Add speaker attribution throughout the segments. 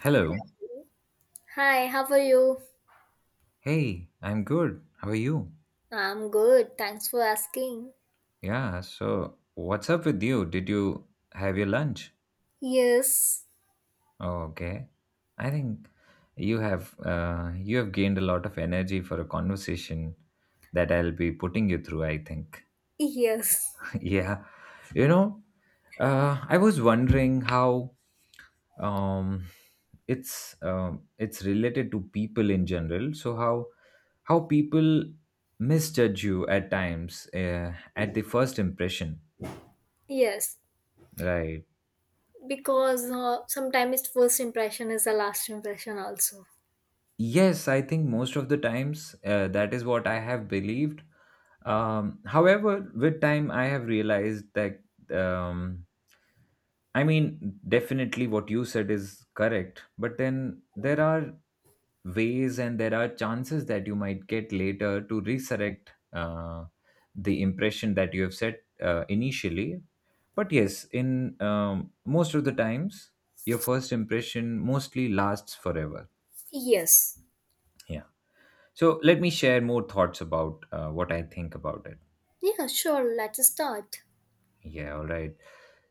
Speaker 1: Hello.
Speaker 2: Hi, how are you?
Speaker 1: Hey, I'm good. How are you?
Speaker 2: I'm good. Thanks for asking.
Speaker 1: Yeah, so what's up with you? Did you have your lunch?
Speaker 2: Yes,
Speaker 1: Oh, okay. I think you have you have gained a lot of energy for a conversation that I'll be putting you through, I think.
Speaker 2: yes,
Speaker 1: Yeah. You know, I was wondering how um, it's related to people in general. So how people misjudge you at times at the first impression.
Speaker 2: yes.
Speaker 1: Right.
Speaker 2: Because sometimes first impression is the last impression, also.
Speaker 1: Yes, I think most of the times, that is what I have believed. However, with time I have realized that um, I mean, definitely what you said is correct, but then there are ways and there are chances that you might get later to resurrect the impression that you have set initially. But yes, in most of the times, your first impression mostly lasts forever.
Speaker 2: Yes.
Speaker 1: Yeah. So let me share more thoughts about what I think about it.
Speaker 2: Yeah, sure. Let's start.
Speaker 1: Yeah, all right.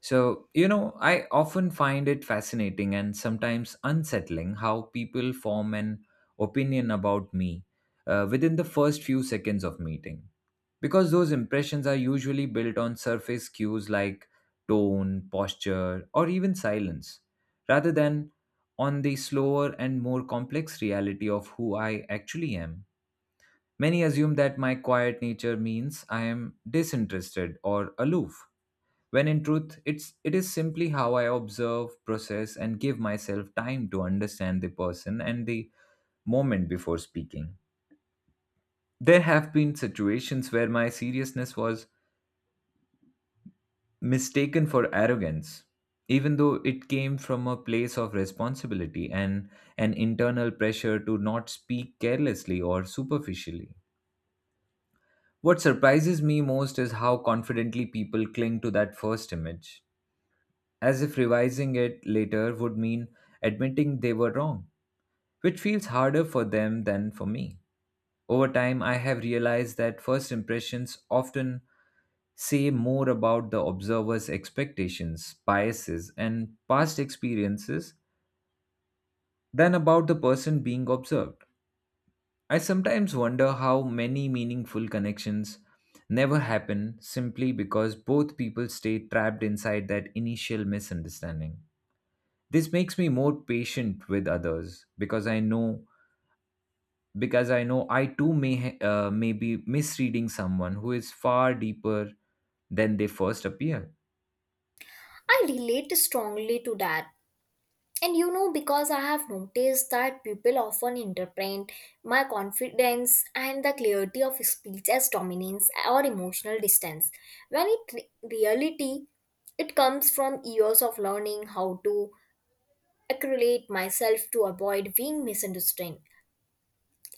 Speaker 1: So, I often find it fascinating and sometimes unsettling how people form an opinion about me within the first few seconds of meeting. Because those impressions are usually built on surface cues like tone, posture, or even silence, rather than on the slower and more complex reality of who I actually am. Many assume that my quiet nature means I am disinterested or aloof when in truth it is simply how I observe, process, and give myself time to understand the person and the moment before speaking. There have been situations where my seriousness was mistaken for arrogance, even though it came from a place of responsibility and an internal pressure to not speak carelessly or superficially. What surprises me most is how confidently people cling to that first image, as if revising it later would mean admitting they were wrong, which feels harder for them than for me. Over time, I have realized that first impressions often say more about the observer's expectations, biases, and past experiences than about the person being observed. I sometimes wonder how many meaningful connections never happen simply because both people stay trapped inside that initial misunderstanding. This makes me more patient with others, because I know I too may be misreading someone who is far deeper than they first appear.
Speaker 2: I relate strongly to that. And you know, because I have noticed that people often interpret my confidence and the clarity of speech as dominance or emotional distance, when in reality, it comes from years of learning how to accurate myself to avoid being misunderstood.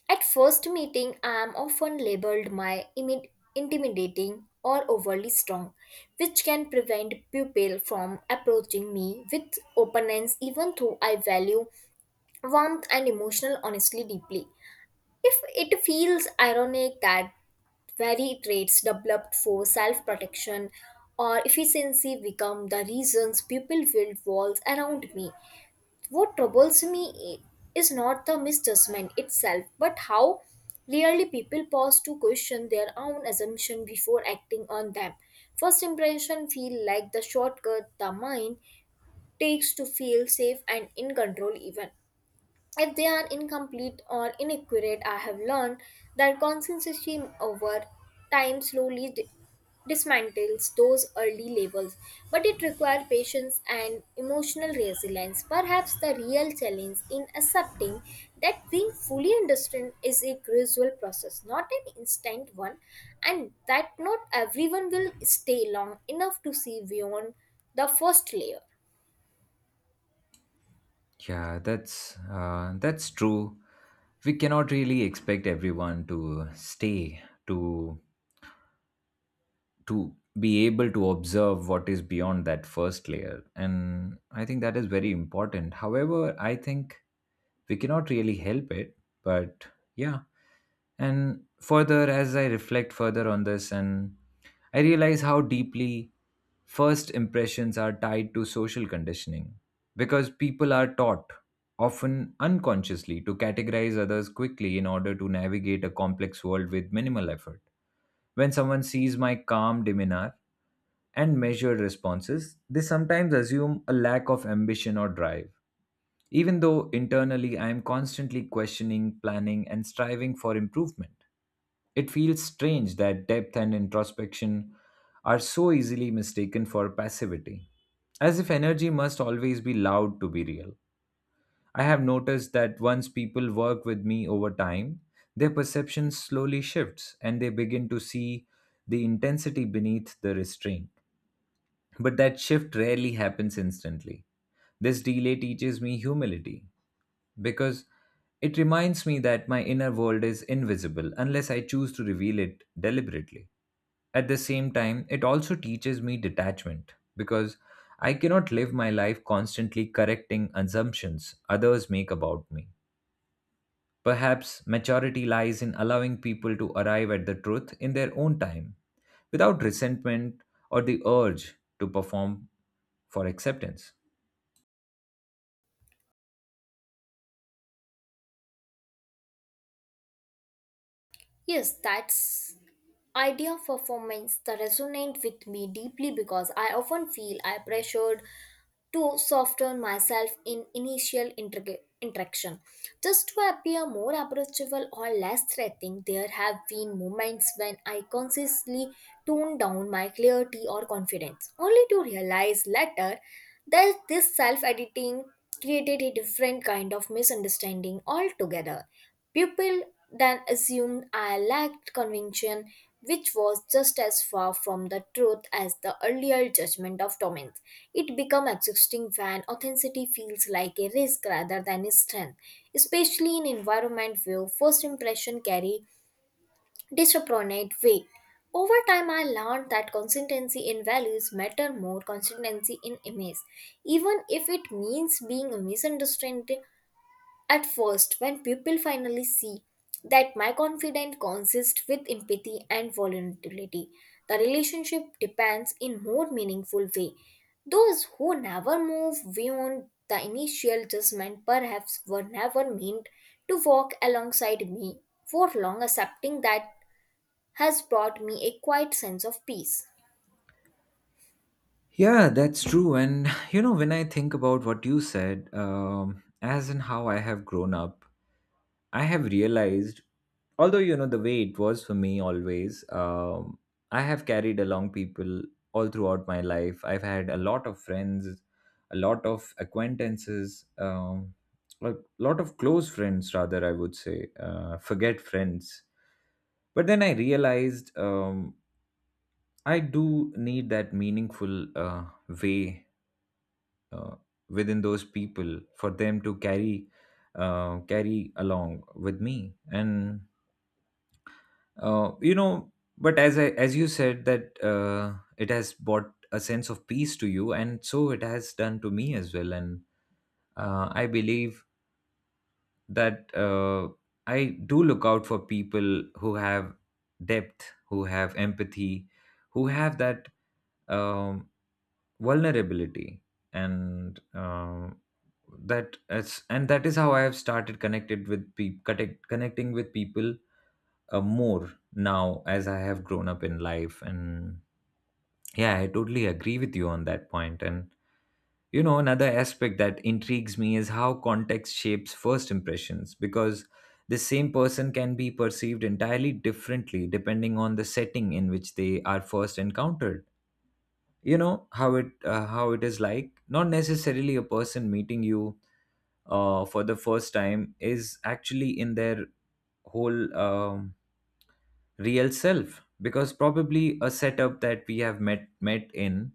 Speaker 2: At first meeting, I am often labeled my intimidating or overly strong, which can prevent people from approaching me with openness even though I value warmth and emotional honesty deeply. If it feels ironic that very traits developed for self protection or efficiency become the reasons people build walls around me. What troubles me is not the misjudgment itself, but how rarely people pause to question their own assumption before acting on them. First impression feel like the shortcut the mind takes to feel safe and in control even if they are incomplete or inaccurate. I have learned that consistency over time slowly dismantles those early labels, but it requires patience and emotional resilience. Perhaps the real challenge in accepting that being fully understood is a gradual process, not an instant one, and that not everyone will stay long enough to see beyond the first layer.
Speaker 1: Yeah, that's true. We cannot really expect everyone to stay, to to be able to observe what is beyond that first layer, and I think that is very important. However, I think we cannot really help it, but yeah. And further, as I reflect further on this, and I realize how deeply first impressions are tied to social conditioning because people are taught, often unconsciously, to categorize others quickly in order to navigate a complex world with minimal effort. When someone sees my calm demeanor and measured responses, they sometimes assume a lack of ambition or drive, even though internally I am constantly questioning, planning, and striving for improvement. It feels strange that depth and introspection are so easily mistaken for passivity, as if energy must always be loud to be real. I have noticed that once people work with me over time, their perception slowly shifts and they begin to see the intensity beneath the restraint. But that shift rarely happens instantly. This delay teaches me humility because it reminds me that my inner world is invisible unless I choose to reveal it deliberately. At the same time, it also teaches me detachment because I cannot live my life constantly correcting assumptions others make about me. Perhaps maturity lies in allowing people to arrive at the truth in their own time, without resentment or the urge to perform for acceptance.
Speaker 2: Yes, that's idea of performance that resonate with me deeply because I often feel I pressured to soften myself in initial interaction. Just to appear more approachable or less threatening, there have been moments when I consciously toned down my clarity or confidence, only to realize later that this self editing created a different kind of misunderstanding altogether. People then assumed I lacked conviction, which was just as far from the truth as the earlier judgment of dominance. It becomes exhausting when authenticity feels like a risk rather than a strength, especially in environment where first impression carry disproportionate weight. Over time, I learned that consistency in values matter more consistency in image, even if it means being misunderstood at first. When people finally see that my confidence consists with empathy and vulnerability, the relationship depends in more meaningful way. Those who never move beyond the initial judgment perhaps were never meant to walk alongside me for long. Accepting that has brought me a quiet sense of peace.
Speaker 1: Yeah, that's true. And, when I think about what you said, as in how I have grown up, I have realized, although, the way it was for me always, I have carried along people all throughout my life. I've had a lot of friends, a lot of acquaintances, a lot of close friends, rather, I would say, forget friends. But then I realized, I do need that meaningful way uh, within those people for them to carry along with me, and uh, you know. But as I as you said that it has brought a sense of peace to you, and so it has done to me as well. And I believe that I do look out for people who have depth, who have empathy, who have that. um vulnerability, and that it's and that is how I have started connected with people, connecting with people more now as I have grown up in life. And yeah, I totally agree with you on that point. And another aspect that intrigues me is how context shapes first impressions, because the same person can be perceived entirely differently depending on the setting in which they are first encountered. You know how it is, like, not necessarily a person meeting you for the first time is actually in their whole real self, because probably a setup that we have met in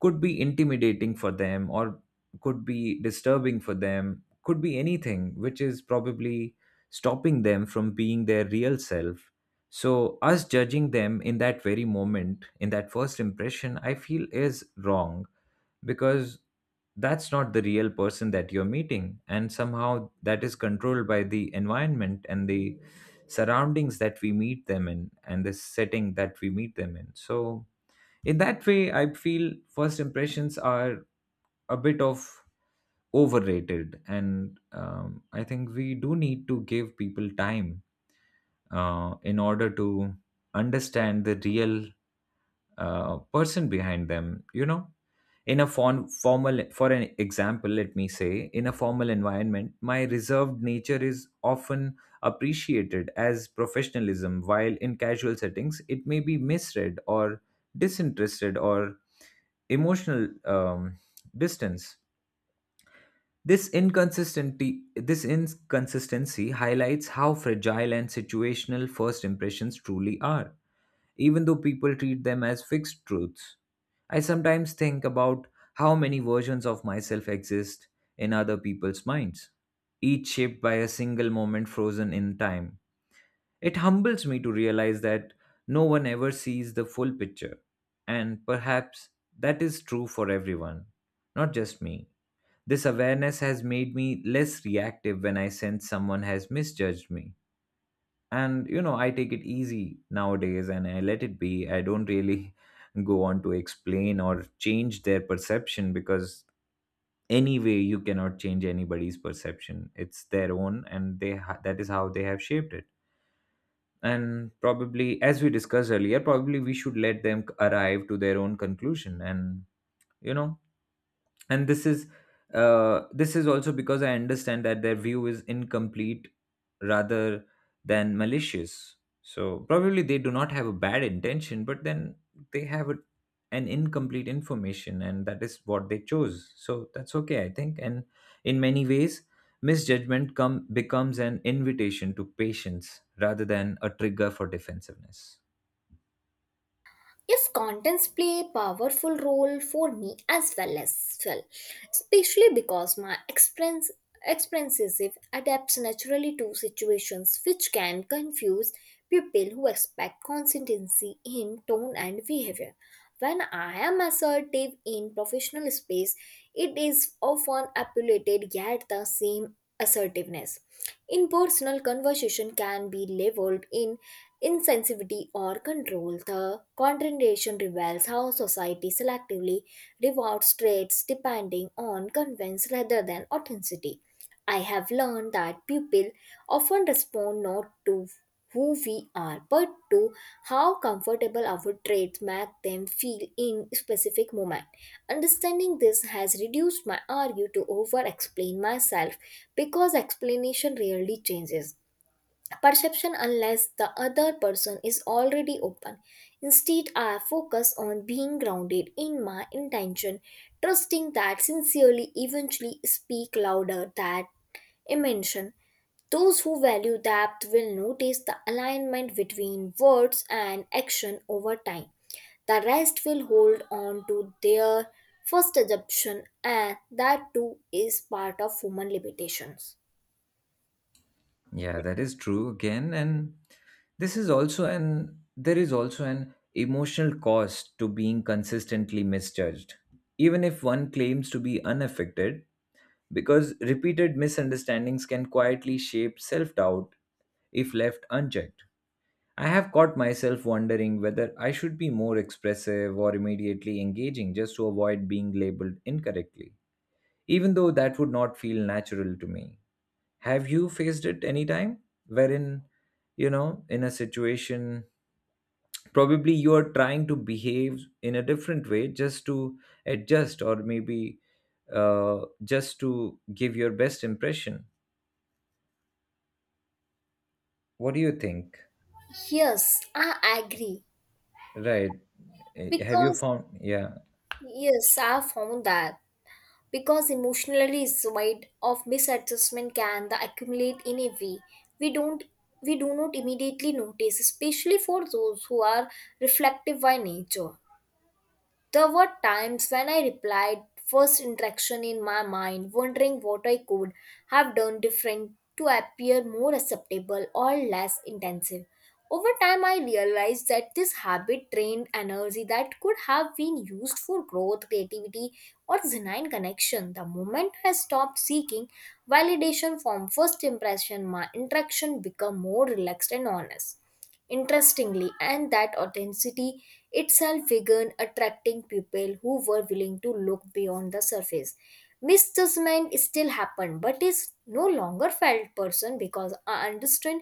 Speaker 1: could be intimidating for them, or could be disturbing for them, could be anything which is probably stopping them from being their real self. So us judging them in that very moment, in that first impression, I feel is wrong, because that's not the real person that you're meeting, and somehow that is controlled by the environment and the surroundings that we meet them in and the setting that we meet them in. So in that way, I feel first impressions are a bit of overrated, and I think we do need to give people time in order to understand the real person behind them. In a formal, for an example, let me say, in a formal environment my reserved nature is often appreciated as professionalism, while in casual settings it may be misread, or disinterested, or emotional distance. This inconsistency highlights how fragile and situational first impressions truly are, even though people treat them as fixed truths. I sometimes think about how many versions of myself exist in other people's minds, each shaped by a single moment frozen in time. It humbles me to realize that no one ever sees the full picture, and perhaps that is true for everyone, not just me. This awareness has made me less reactive when I sense someone has misjudged me, and I take it easy nowadays, and I let it be. I don't really go on to explain or change their perception, because anyway you cannot change anybody's perception. It's their own, and that is how they have shaped it. And probably, as we discussed earlier, probably we should let them arrive to their own conclusion. And you know this is also because I understand that their view is incomplete rather than malicious. So probably they do not have a bad intention, but then they have an incomplete information, and that is what they chose. So that's okay, I think. And in many ways, misjudgment come becomes an invitation to patience rather than a trigger for defensiveness.
Speaker 2: Yes, contents play a powerful role for me as well, especially because my experiences if adapts naturally to situations which can confuse people who expect consistency in tone and behavior. When I am assertive in professional space, it is often appellated, yet the same assertiveness in personal conversation can be leveled in insensitivity or control. The contradiction reveals how society selectively rewards traits depending on convenience rather than authenticity. I have learned that people often respond not to who we are but to how comfortable our traits make them feel in specific moment. Understanding this has reduced my argue to over explain myself, because explanation rarely changes perception unless the other person is already open. Instead, I focus on being grounded in my intention, trusting that sincerely eventually speak louder than emotion. Those who value depth will notice the alignment between words and action over time. The rest will hold on to their first assumption, and that too is part of human limitations.
Speaker 1: Yeah, that is true again. And this is also an there is also an emotional cost to being consistently misjudged, even if one claims to be unaffected, because repeated misunderstandings can quietly shape self doubt if left unchecked. I have caught myself wondering whether I should be more expressive or immediately engaging just to avoid being labeled incorrectly, even though that would not feel natural to me. Have you faced it anytime, wherein, in a situation, probably you are trying to behave in a different way just to adjust, or maybe just to give your best impression? What do you think?
Speaker 2: Yes, I agree.
Speaker 1: Right. Have you
Speaker 2: Because
Speaker 1: found, yeah,
Speaker 2: yes, I have found that because emotional result of misadjustment can the accumulate in a way we don't we do not immediately notice, especially for those who are reflective by nature. There were times when I replied first interaction in my mind, wondering what I could have done different to appear more acceptable or less intensive. Over time, I realized that this habit drained energy that could have been used for growth, creativity, or genuine connection. The moment I stopped seeking validation from first impression, my interaction became more relaxed and honest. Interestingly, and that authenticity itself began attracting people who were willing to look beyond the surface. Misjudgment still happened, but is no longer felt person because I understand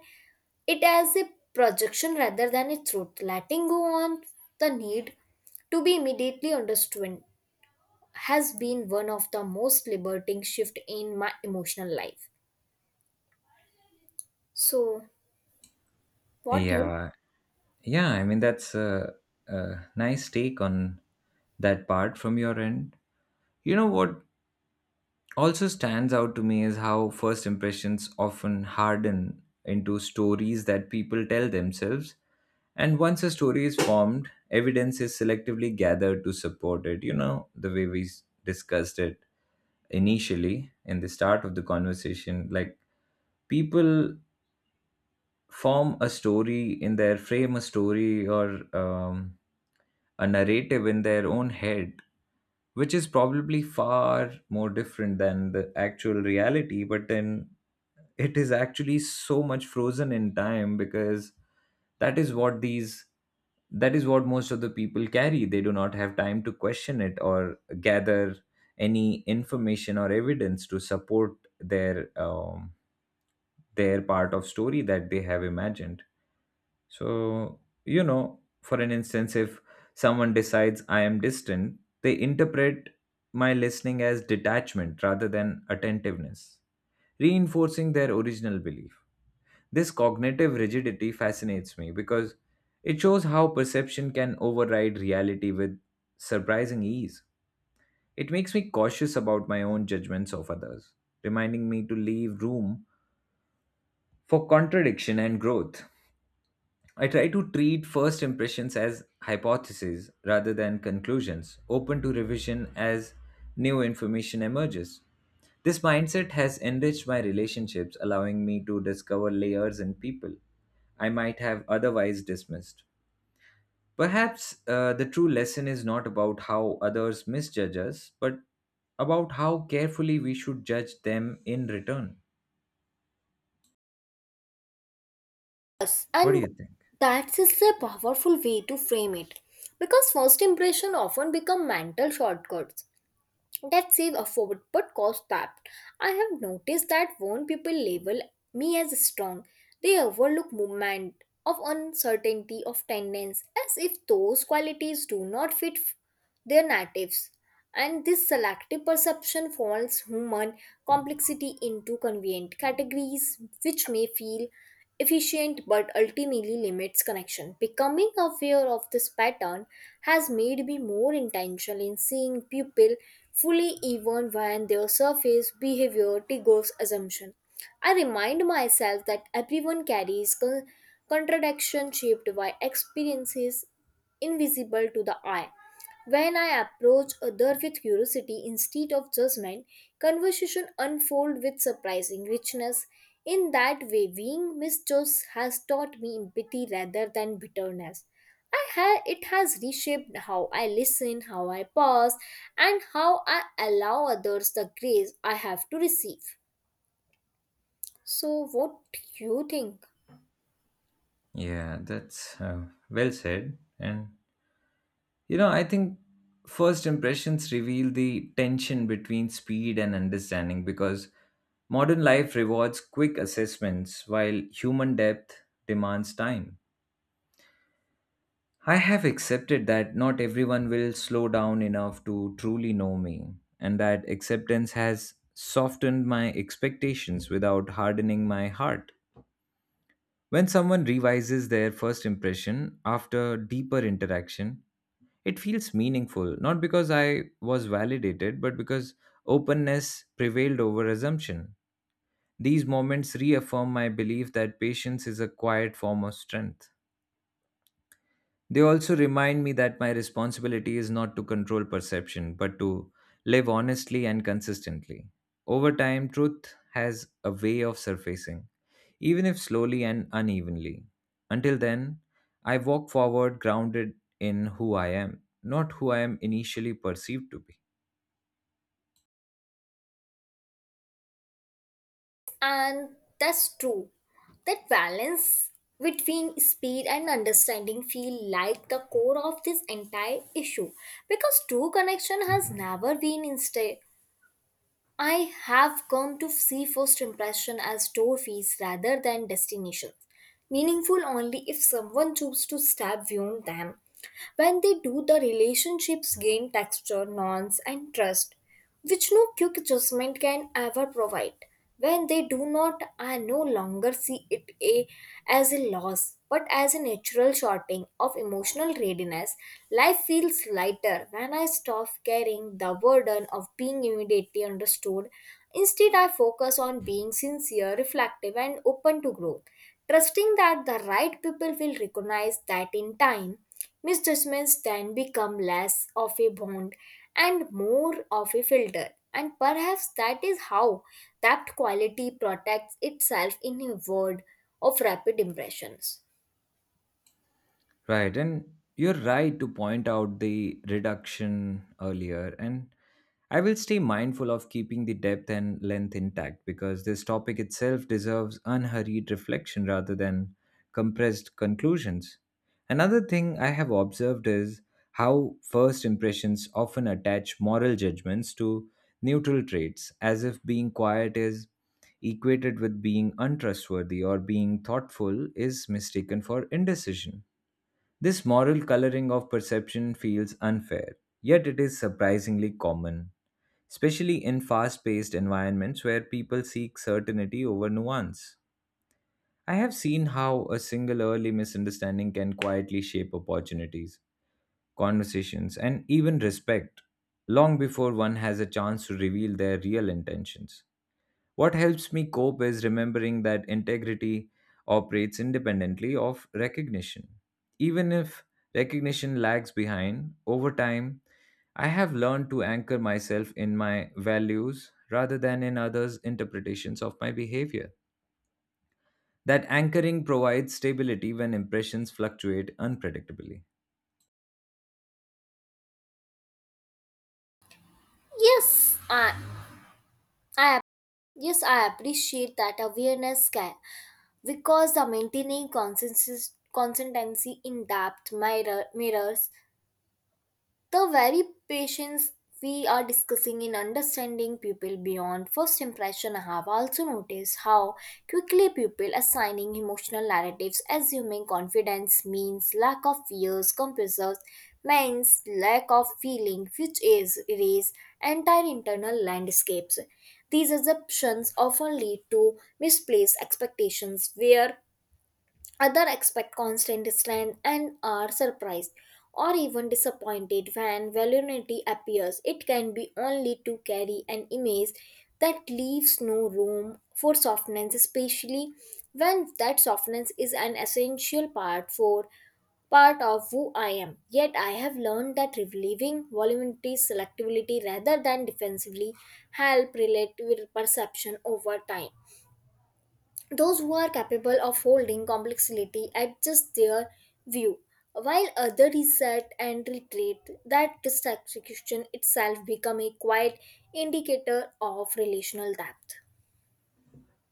Speaker 2: it as a projection rather than a truth. Letting go on the need to be immediately understood has been one of the most liberating shift in my emotional life. So, what you?
Speaker 1: yeah, yeah, I mean, that's a nice take on that part from your end. What also stands out to me is how first impressions often harden into stories that people tell themselves. And once a story is formed, evidence is selectively gathered to support it. You know, the way discussed it initially in the start of the conversation, like people form a story in their frame a story or a narrative in their own head, which is probably far more different than the actual reality. But then it is actually so much frozen in time because that is what these that is what most of the people carry. They do not have time to question it or gather any information or evidence to support their um, their part of story that they have imagined. So, you know, for an instance, if someone decides I am distant, they interpret my listening as detachment rather than attentiveness, reinforcing their original belief. This cognitive rigidity fascinates me because it shows how perception can override reality with surprising ease. It makes me cautious about my own judgments of others, reminding me to leave room for contradiction and growth. I try to treat first impressions as hypotheses rather than conclusions, open to revision as new information emerges. This mindset has enriched my relationships, allowing me to discover layers in people I might have otherwise dismissed. Perhaps the true lesson is not about how others misjudge us, but about how carefully we should judge them in return.
Speaker 2: Yes,
Speaker 1: What do
Speaker 2: and
Speaker 1: you think?
Speaker 2: that's is a powerful way to frame it because first impression often become mental shortcuts that save effort but cost back. I have noticed that when people label me as strong, they overlook movement of uncertainty of tendons as if those qualities do not fit their natives. And this selective perception falls human complexity into convenient categories which may feel efficient but ultimately limits connection. Becoming aware of this pattern has made me more intentional in seeing people fully even when their surface behavior triggers assumption. I remind myself that everyone carries contradiction shaped by experiences invisible to the eye. When I approach other with curiosity instead of judgment, conversation unfold with surprising richness. In that way, being misjudged has taught me empathy rather than bitterness. It has reshaped how I listen, how I pause, and how I allow others the grace I have to receive. So, what do you think?
Speaker 1: Yeah, that's well said. And you know, I think first impressions reveal the tension between speed and understanding because modern life rewards quick assessments while human depth demands time. I have accepted that not everyone will slow down enough to truly know me, and that acceptance has softened my expectations without hardening my heart. When someone revises their first impression after deeper interaction, it feels meaningful, not because I was validated, but because openness prevailed over assumption. These moments reaffirm my belief that patience is a quiet form of strength. They also remind me that my responsibility is not to control perception, but to live honestly and consistently. Over time, truth has a way of surfacing, even if slowly and unevenly. Until then, I walk forward grounded in who I am, not who I am initially perceived to be.
Speaker 2: And that's true. That balance between speed and understanding feel like the core of this entire issue because true connection has never been instead. I have come to see first impression as trophies rather than destinations, meaningful only if someone chooses to step beyond them. When they do, the relationships gain texture, nuance, and trust, which no quick adjustment can ever provide. When they do not, I no longer see it as a loss, but as a natural shortening of emotional readiness. Life feels lighter when I stop carrying the burden of being immediately understood. Instead, I focus on being sincere, reflective, and open to growth, trusting that the right people will recognize that in time. Misjudgments then become less of a bond and more of a filter, and perhaps that is how that quality protects itself in a world of rapid impressions.
Speaker 1: Right, and you're right to point out the reduction earlier, and I will stay mindful of keeping the depth and length intact because this topic itself deserves unhurried reflection rather than compressed conclusions. Another thing I have observed is how first impressions often attach moral judgments to neutral traits, as if being quiet is equated with being untrustworthy or being thoughtful is mistaken for indecision. This moral coloring of perception feels unfair, yet it is surprisingly common, especially in fast paced environments where people seek certainty over nuance. I have seen how a single early misunderstanding can quietly shape opportunities, conversations, and even respect long before one has a chance to reveal their real intentions. What helps me cope is remembering that integrity operates independently of recognition. Even if recognition lags behind, over time, I have learned to anchor myself in my values rather than in others' interpretations of my behavior. That anchoring provides stability when impressions fluctuate unpredictably.
Speaker 2: Yes, I, I yes, I appreciate that awareness because the maintaining consensus consistency in depth mirrors the very patience we are discussing in understanding people beyond first impression. I have also noticed how quickly people assigning emotional narratives, assuming confidence means lack of fears, compresses means lack of feeling, which is erase entire internal landscapes. These assumptions often lead to misplaced expectations where other expect constant strength and are surprised or even disappointed when vulnerability appears. It can be only to carry an image that leaves no room for softness, especially when that softness is an essential part of who I am. Yet I have learned that relieving voluntary selectivity rather than defensively help relate with perception over time. Those who are capable of holding complexity adjust their view, while others reset and retreat. That distraction itself become a quiet indicator of relational depth.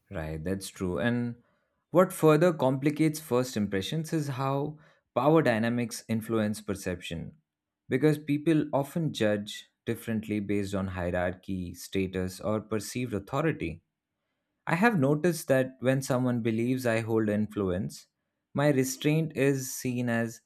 Speaker 1: Right, that's true. And what further complicates first impressions is how power dynamics influence perception, because people often judge differently based on hierarchy, status, or perceived authority. I have noticed that when someone believes I hold influence, my restraint is seen as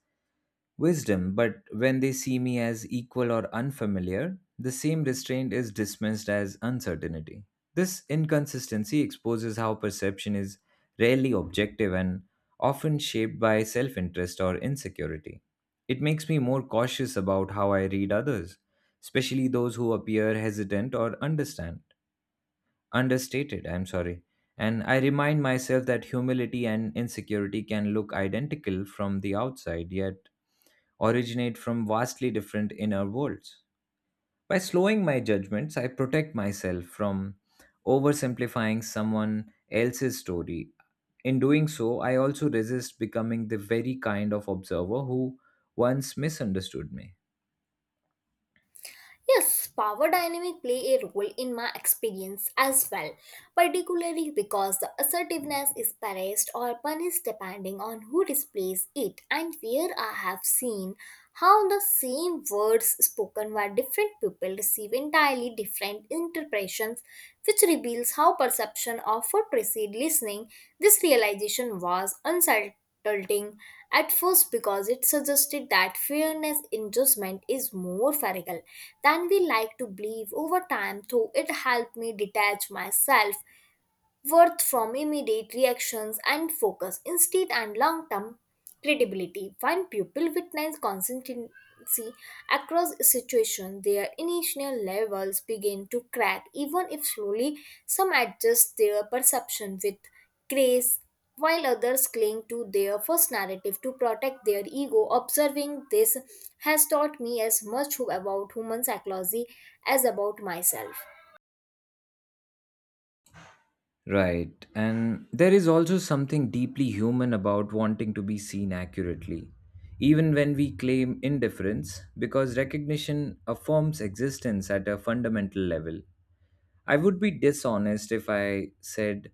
Speaker 1: wisdom, but when they see me as equal or unfamiliar, the same restraint is dismissed as uncertainty. This inconsistency exposes how perception is rarely objective and often shaped by self interest or insecurity. It makes me more cautious about how I read others, especially those who appear hesitant or understand understated, I'm sorry. And I remind myself that humility and insecurity can look identical from the outside, yet originate from vastly different inner worlds. By slowing my judgments, I protect myself from oversimplifying someone else's story. In doing so, I also resist becoming the very kind of observer who once misunderstood me.
Speaker 2: Yes, power dynamic play a role in my experience as well, particularly because the assertiveness is praised or punished depending on who displays it and where. I have seen how the same words spoken by different people receive entirely different interpretations, which reveals how perception of what precede listening. This realization was unsettled tilting at first because it suggested that fairness in judgment is more radical than we like to believe. Over time though, it helped me detach myself worth from immediate reactions and focus, instead, and long term credibility. When people witness consistency across situations, their initial levels begin to crack, even if slowly. Some adjust their perception with grace, while others cling to their first narrative to protect their ego. Observing this has taught me as much about human psychology as about myself.
Speaker 1: Right, and there is also something deeply human about wanting to be seen accurately, even when we claim indifference, because recognition affirms existence at a fundamental level. I would be dishonest if I said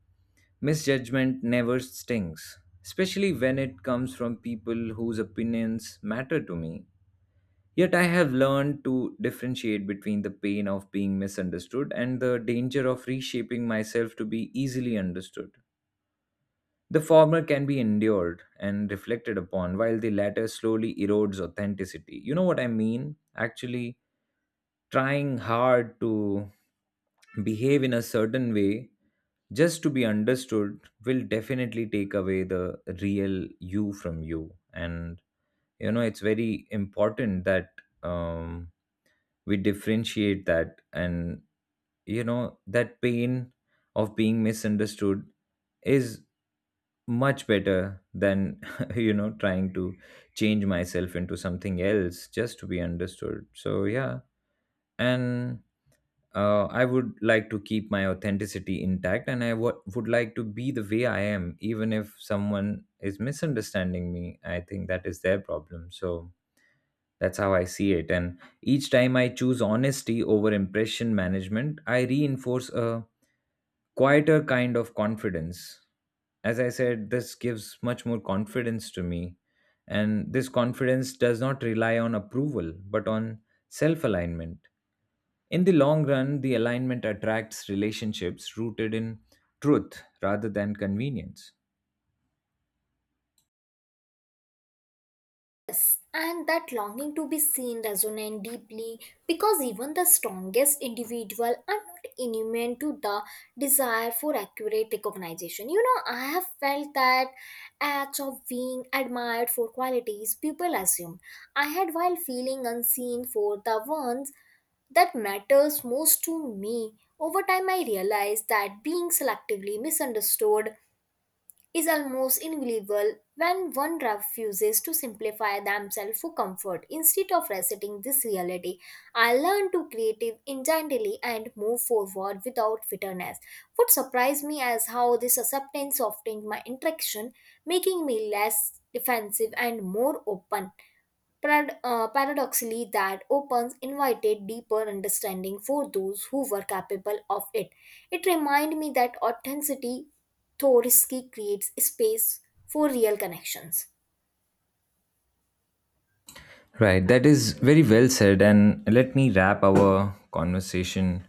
Speaker 1: misjudgment never stings, especially when it comes from people whose opinions matter to me. Yet I have learned to differentiate between the pain of being misunderstood and the danger of reshaping myself to be easily understood. The former can be endured and reflected upon, while the latter slowly erodes authenticity. You know what I mean? Actually, trying hard to behave in a certain way just to be understood will definitely take away the real you from you. And you know, it's very important that um, we differentiate that. And you know, that pain of being misunderstood is much better than you know, trying to change myself into something else just to be understood. So yeah, and I would like to keep my authenticity intact, and would like to be the way I am, even if someone is misunderstanding me. I think that is their problem. So that's how I see it. And each time I choose honesty over impression management, I reinforce a quieter kind of confidence. As I said, this gives much more confidence to me. And this confidence does not rely on approval, but on self alignment. In the long run, the alignment attracts relationships rooted in truth rather than convenience.
Speaker 2: Yes, and that longing to be seen resonates deeply because even the strongest individual are not immune to the desire for accurate recognition. You know, I have felt that acts of being admired for qualities people assume I had while feeling unseen for the ones that matters most to me. Over time, I realized that being selectively misunderstood is almost invaluable when one refuses to simplify themselves for comfort. Instead of resetting this reality, I learn to creative intently and move forward without bitterness. What surprised me is how this acceptance softened my interaction, making me less defensive and more open. Paradoxically, that opens invited deeper understanding for those who were capable of it. It reminded me that authenticity, though risky, creates space for real connections.
Speaker 1: Right, that is very well said. And let me wrap our conversation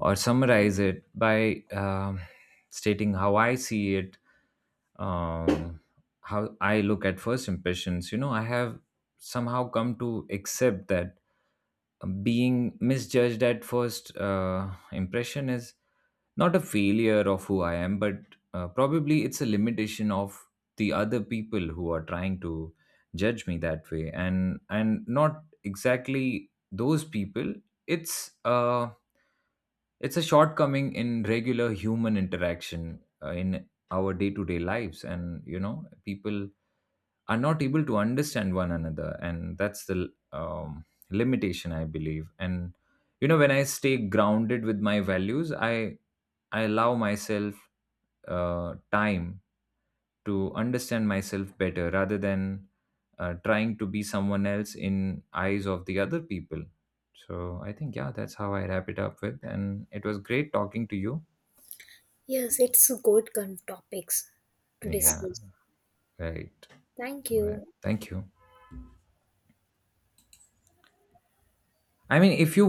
Speaker 1: or summarize it by stating how I see it, um, how I look at first impressions. You know, I have somehow come to accept that being misjudged at first impression is not a failure of who I am, but probably it's a limitation of the other people who are trying to judge me that way, and not exactly those people. It's uh, it's a shortcoming in regular human interaction in our day to day lives, and you know people are not able to understand one another, and that's the limitation I believe. And you know, when I stay grounded with my values, I allow myself time to understand myself better rather than trying to be someone else in eyes of the other people. So I think, yeah, that's how I wrap it up with. And it was great talking to you.
Speaker 2: Yes, it's good topics to
Speaker 1: Yeah.
Speaker 2: discuss.
Speaker 1: Right.
Speaker 2: Thank
Speaker 1: All right,
Speaker 2: you.
Speaker 1: thank you. I mean, if you